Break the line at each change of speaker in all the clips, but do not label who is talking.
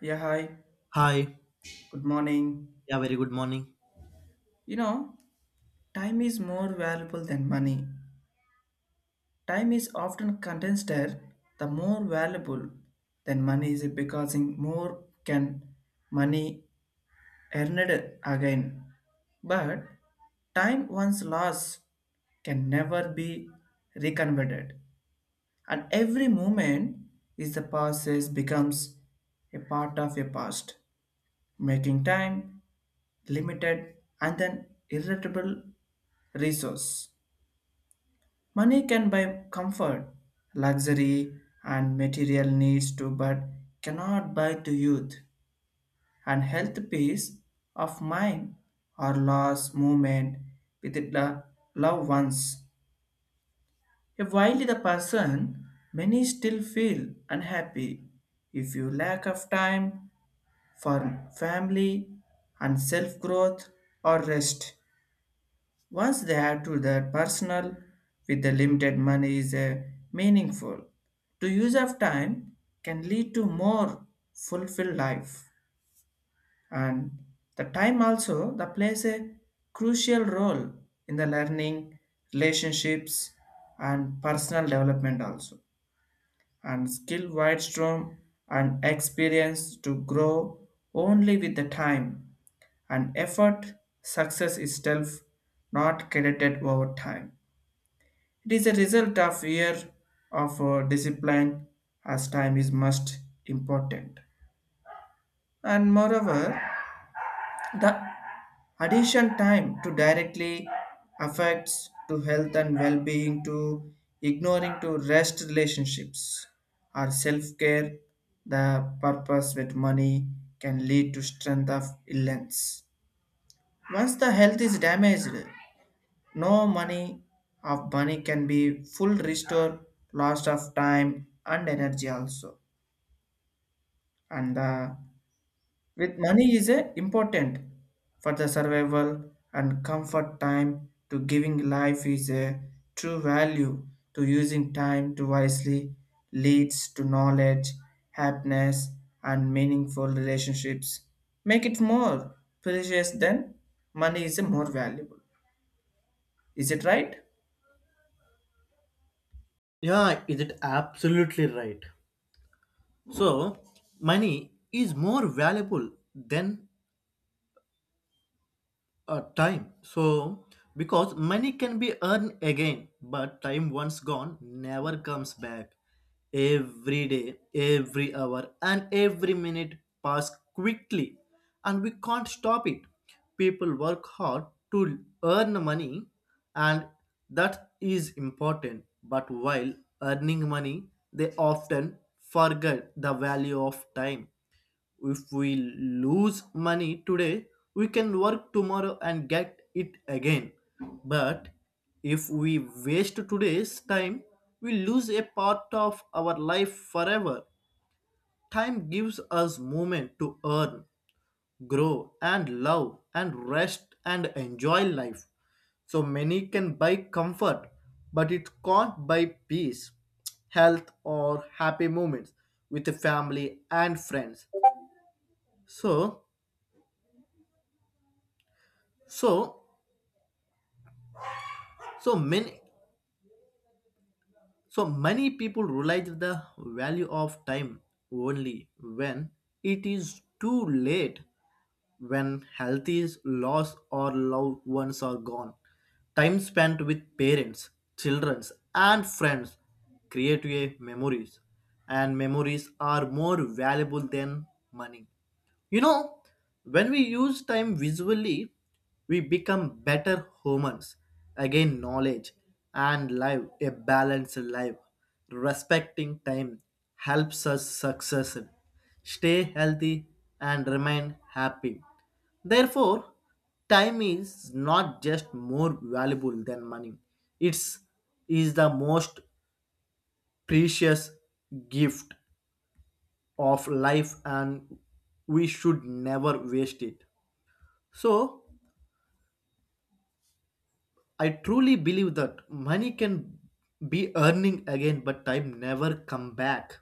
Yeah, hi.
Hi.
Good morning.
Yeah, very good morning.
You know, time is more valuable than money. Time is often considered the more valuable than money is because in more can money earned again. But time once lost can never be reconverted. And every moment is the process becomes a part of your past, making time limited and then irritable Resource. Money can buy comfort, luxury, and material needs too, but cannot buy to youth and health, peace of mind, or loss movement with the loved ones. If while the person, many still feel unhappy. If you lack of time for family and self growth or rest, once they have to their personal with the limited money is meaningful. To use of time can lead to more fulfilled life, and the time also that plays a crucial role in the learning, relationships and personal development also, and skill widestorm and experience to grow only with the time and effort success itself not credited over time, it is a result of year of discipline as time is most important. And moreover, the addition time to directly affects to health and well-being, to ignoring to rest relationships or self-care, the purpose with money can lead to strength of illness. Once the health is damaged, no money of money can be full restore loss of time and energy also. And with money is a important for the survival and comfort, time to giving life is a true value. To using time to wisely leads to knowledge, happiness and meaningful relationships. Make it more precious than money is more valuable. Is it right?
Yeah, is it absolutely right? So, money is more valuable than time. So, because money can be earned again, but time once gone never comes back. Every day, every hour, and every minute pass quickly, and we can't stop it. People work hard to earn money, and that is important. But while earning money, they often forget the value of time if we lose money today, we can work tomorrow and get it again. But if we waste today's time, we lose a part of our life forever. Time gives us moment to earn, grow, and love, and rest and enjoy life. So many can buy comfort, but it can't buy peace, health, or happy moments with the family and friends. So So, so many, so many people realize the value of time only when it is too late, when health is lost or loved ones are gone. Time spent with parents, children, and friends create a memories, and memories are more valuable than money. You know, when we use time visually, we become better humans. Again, knowledge and live a balanced life. Respecting time helps us success, stay healthy, and remain happy. Therefore, time is not just more valuable than money. It's is the most precious gift of life and we should never waste it. So I truly believe that money can be earning again, but time never come back.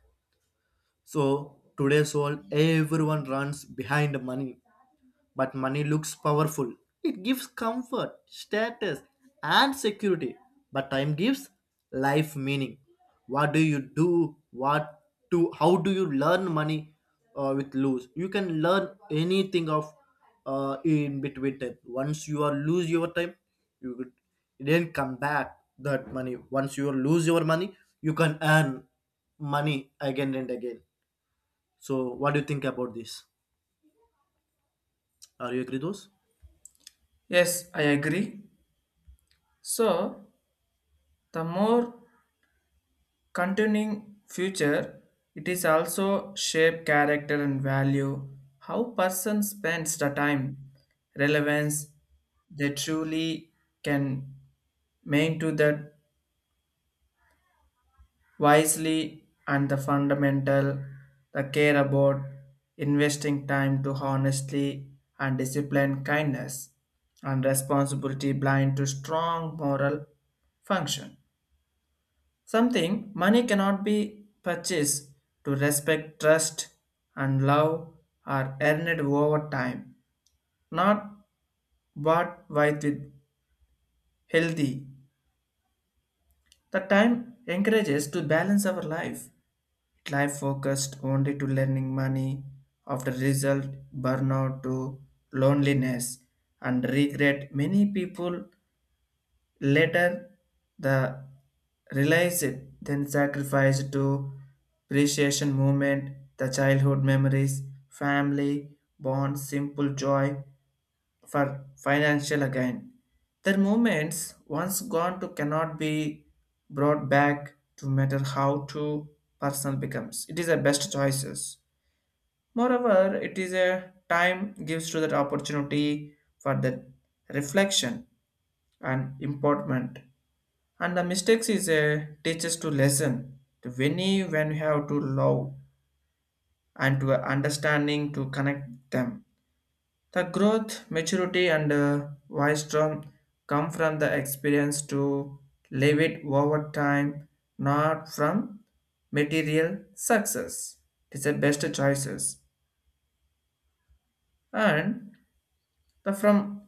So today's world, everyone runs behind money. But money looks powerful. It gives comfort, status, and security. But time gives life meaning. What do you do? What to how do you learn money with lose? You can learn anything of in between time. Once you are lose your time, you could then come back that money. Once you lose your money, you can earn money again and again. So what do you think about this? Are you agree those?
Yes, I agree. So, the more continuing future, it is also shape character and value, how person spends the time, relevance they truly can main to that wisely and the fundamental, the care about investing time to honestly and discipline kindness and responsibility blind to strong moral function. Something money cannot be purchased to respect, trust, and love are earned over time, not bought with healthy. The time encourages to balance our life. Life focused only to learning money, after result burnout to loneliness and regret. Many people later, the realized then sacrificed to appreciation movement, the childhood memories, family, bonds, simple joy for financial again. Their moments once gone to cannot be brought back to matter how to personal becomes. It is the best choices. Moreover, it is a time gives to that opportunity for that reflection and importance. And the mistakes is a teaches to lesson to when you have to love and to understanding to connect them. The growth, maturity, and wisdom come from the experience to live it over time, not from material success. It is the best choices. And the from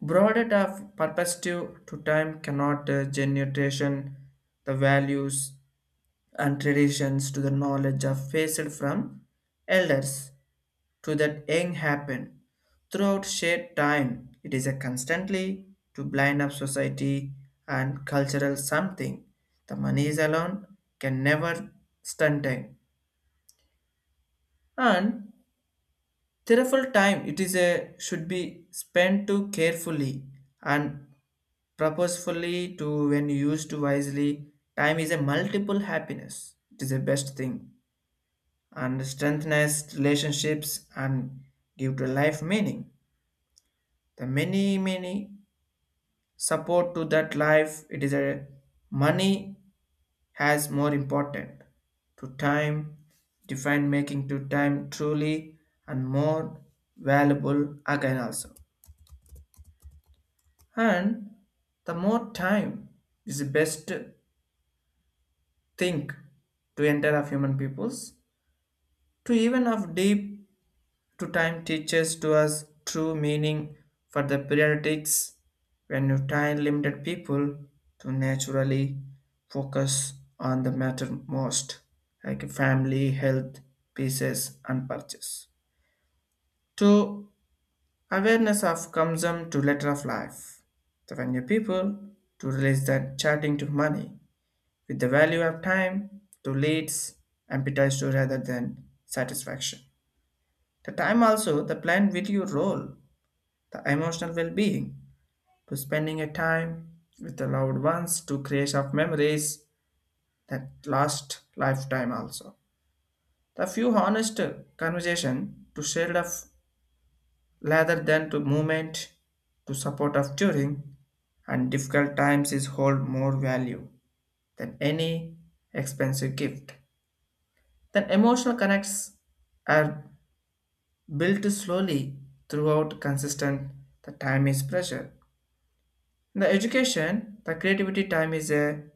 broader of perspective to time cannot generation the values and traditions to the knowledge of passed from elders to that young happen throughout shared time, it is a constantly to blind up society and cultural something the money is alone can never stunting and careful time, it is a should be spent to carefully and purposefully to when used wisely. Time is a multiple happiness, it is the best thing and strengthens relationships and give to life meaning. The many support to that life, it is a money has more important to time, define making to time truly and more valuable again also. And the more time is the best thing to enter of human peoples to even of deep to time teaches to us true meaning for the periodics when you time limited people to naturally focus on the matter most like family health pieces and purchase to awareness of consumption to letter of life, the venue people to release that chatting to money with the value of time to leads appetite to rather than satisfaction. The time also the plan with video role the emotional well-being to spending a time with the loved ones to creation of memories that last lifetime also, the few honest conversation to share of rather than to movement to support of during and difficult times is hold more value than any expensive gift, then emotional connects are built slowly throughout consistent the time is pressure. In the education, the creativity time is a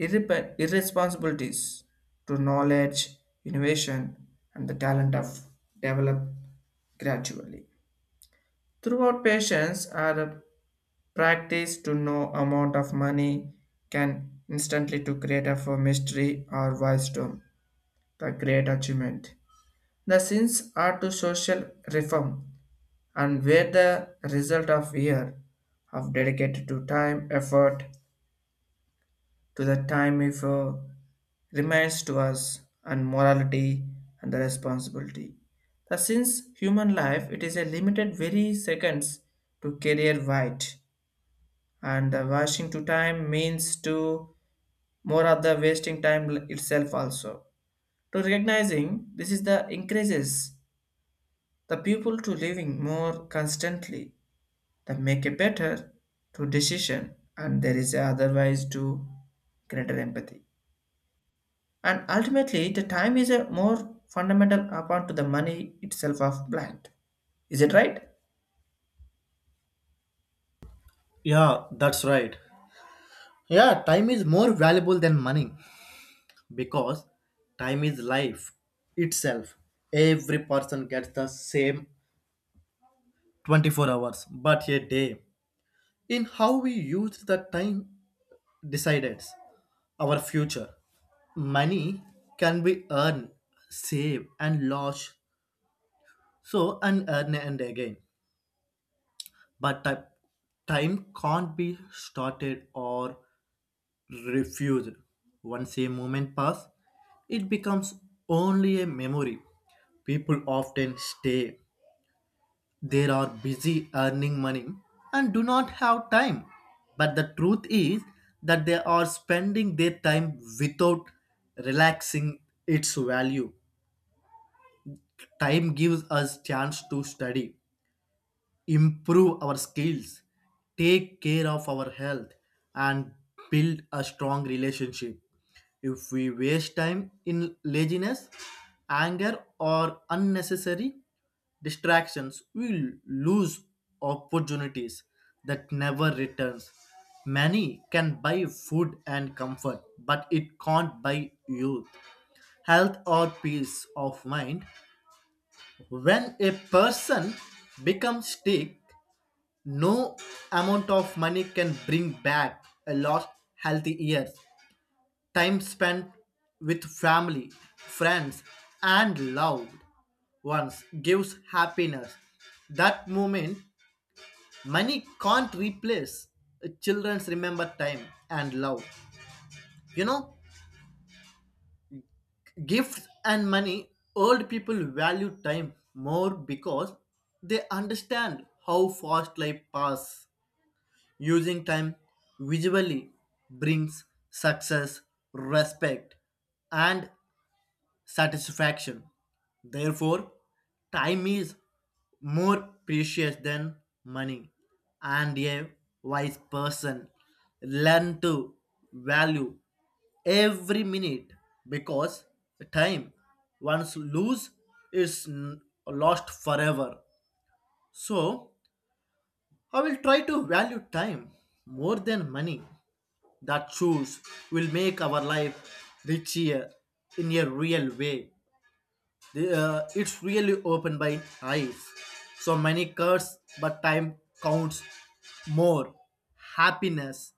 irresponsibilities to knowledge, innovation, and the talent of develop gradually. Throughout patience are practice to no amount of money can instantly to create a for mystery or wisdom, the great achievement. The sins are to social reform and where the result of year of dedicated to time effort to the time if remains to us and morality and the responsibility. The since human life, it is a limited very seconds to career white, and the washing to time means to more of the wasting time itself also. To recognizing this is the increases the people to living more constantly that make a better to decision and there is otherwise to greater empathy. And ultimately, the time is a more fundamental upon to the money itself of blind. Is it right?
Yeah, that's right. Yeah, time is more valuable than money because time is life itself. Every person gets the same 24 hours, but a day. In how we use the time decides our future. Money can be earned, saved, and lost, so and earned and again. But ti- time can't be started or refused. Once a moment passes, it becomes only a memory. People often stay. They are busy earning money and do not have time. But the truth is that they are spending their time without relaxing its value. Time gives us chance to study, improve our skills, take care of our health, and build a strong relationship. If we waste time in laziness, anger, or unnecessary distractions, we lose opportunities that never returns. Money can buy food and comfort, but it can't buy youth, health, or peace of mind. When a person becomes sick, no amount of money can bring back a lost healthy years, time spent with family, friends, and loved ones gives happiness. That moment, money can't replace. Children's remember time and love. You know, gifts and money, old people value time more because they understand how fast life passes. Using time visually brings success, respect, and satisfaction. Therefore, time is more precious than money, and a wise person learn to value every minute because time once lose is n- lost forever. So, I will try to value time more than money that choose will make our life richer in a real way. It's really opened by eyes. So many curse, but time counts more. Happiness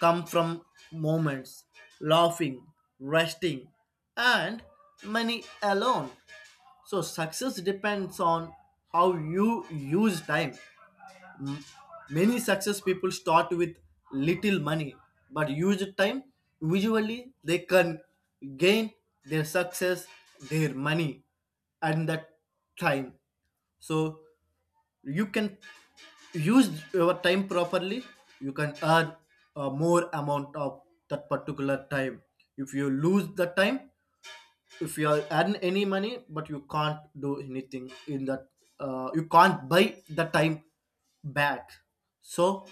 come from moments, laughing, resting, and money alone. So success depends on how you use time. M- Many success people start with little money, but use time. Usually, they can gain their success, their money, and that time. So you can use your time properly. You can earn a more amount of that particular time. If you lose the time, if you are earn any money but you can't do anything in that you can't buy the time back. So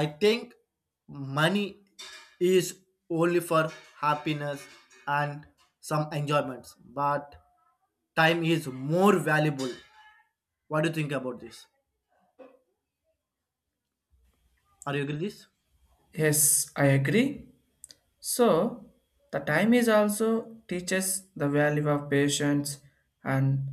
I think money is only for happiness and some enjoyments but time is more valuable. What do you think about this? Are you agree with this?
Yes, I agree. So, the time is also teaches the value of patience and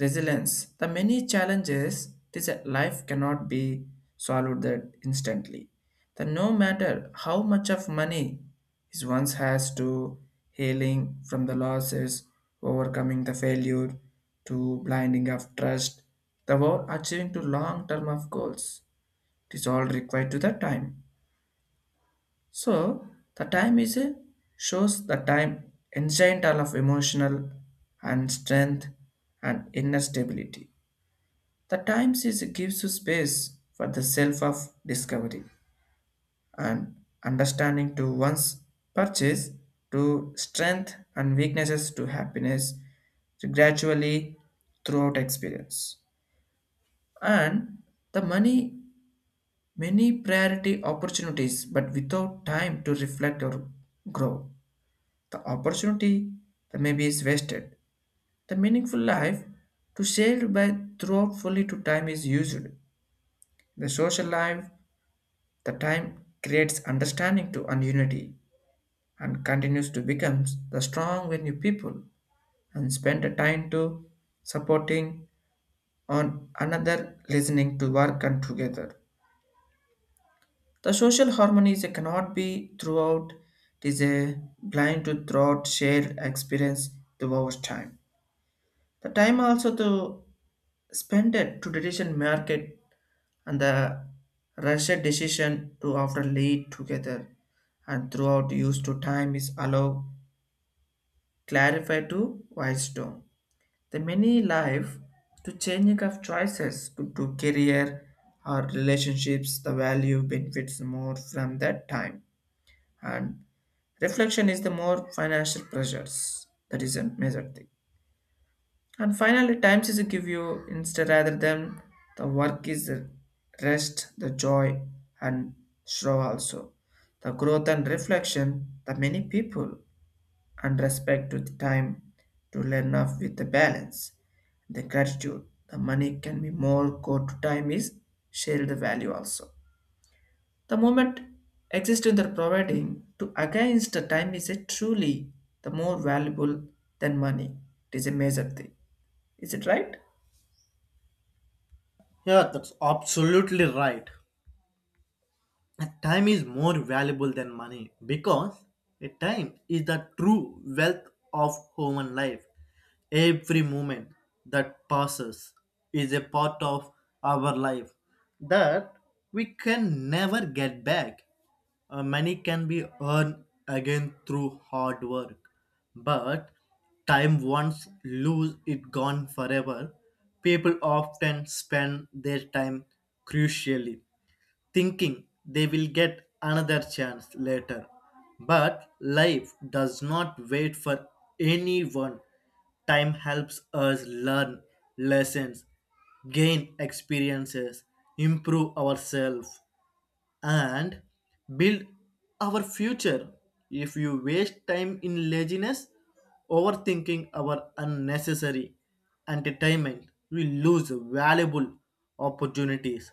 resilience. The many challenges this life cannot be solved that instantly. The no matter how much of money is once has to healing from the losses, overcoming the failure, to blinding of trust, the world achieving to long term of goals. It is all required to the time. So the time is a shows the time ancient all of emotional and strength and inner stability. The time is gives you space for the self of discovery and understanding to one's purchase, to strength and weaknesses, to happiness, to gradually throughout experience. And the money, many priority opportunities, but without time to reflect or grow. The opportunity that maybe is wasted. The meaningful life to shared by throughout fully to time is used. The social life, the time creates understanding to and unity and continues to become the strong when you people and spend the time to supporting on another listening to work and together. The social harmony is a cannot be throughout, it is a blind to throughout shared experience to our time. The time also to spend it to tradition market and the rushed decision to after lead together and throughout use to time is allow clarify to wisdom. The many life to changing of choices to career or relationships, the value benefits more from that time. And reflection is the more financial pressures. That is a major thing. And finally, time is to give you instead rather than the work is the rest, the joy and show also. The growth and reflection, the many people and respect to the time to learn off with the balance. The gratitude, the money can be more go to time is share the value also. The moment exists in the providing to against the time is a truly the more valuable than money. It is a major thing. Is it right?
Yeah, that's absolutely right. And time is more valuable than money because a time is the true wealth of human life. Every moment that passes is a part of our life that we can never get back. Money can be earned again through hard work, but time once lose it gone forever. People often spend their time crucially thinking they will get another chance later. But life does not wait for anyone. Time helps us learn lessons, gain experiences, improve ourselves, and build our future. If you waste time in laziness, overthinking our unnecessary entertainment, we lose valuable opportunities.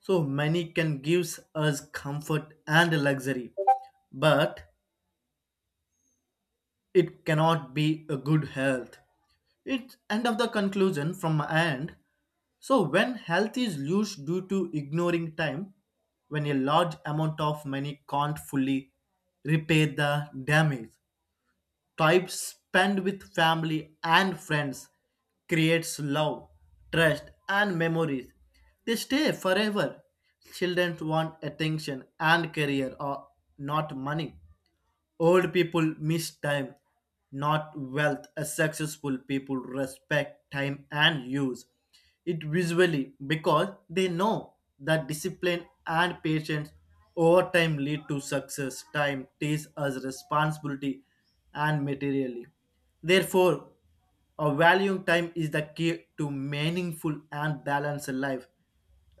So money can give us comfort and luxury, but it cannot be a good health. It's end of the conclusion from my end. So when health is loose due to ignoring time, when a large amount of money can't fully repair the damage, time spent with family and friends creates love, trust, and memories. They stay forever. Children want attention and career, or not money. Old people miss time, not wealth. As successful people respect time and use it visually because they know that discipline and patience over time lead to success. Time teaches us responsibility and materially. Therefore, valuing time is the key to meaningful and balanced life.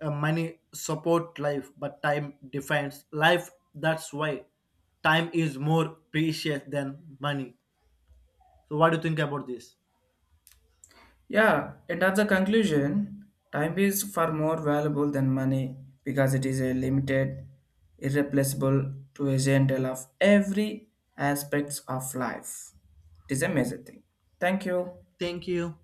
Money support life, but time defines life. That's why time is more precious than money. So, what do you think about this?
Yeah, and at the conclusion, time is far more valuable than money because it is a limited, irreplaceable to a gentle of every aspects of life. It is a major thing. Thank you.
Thank you.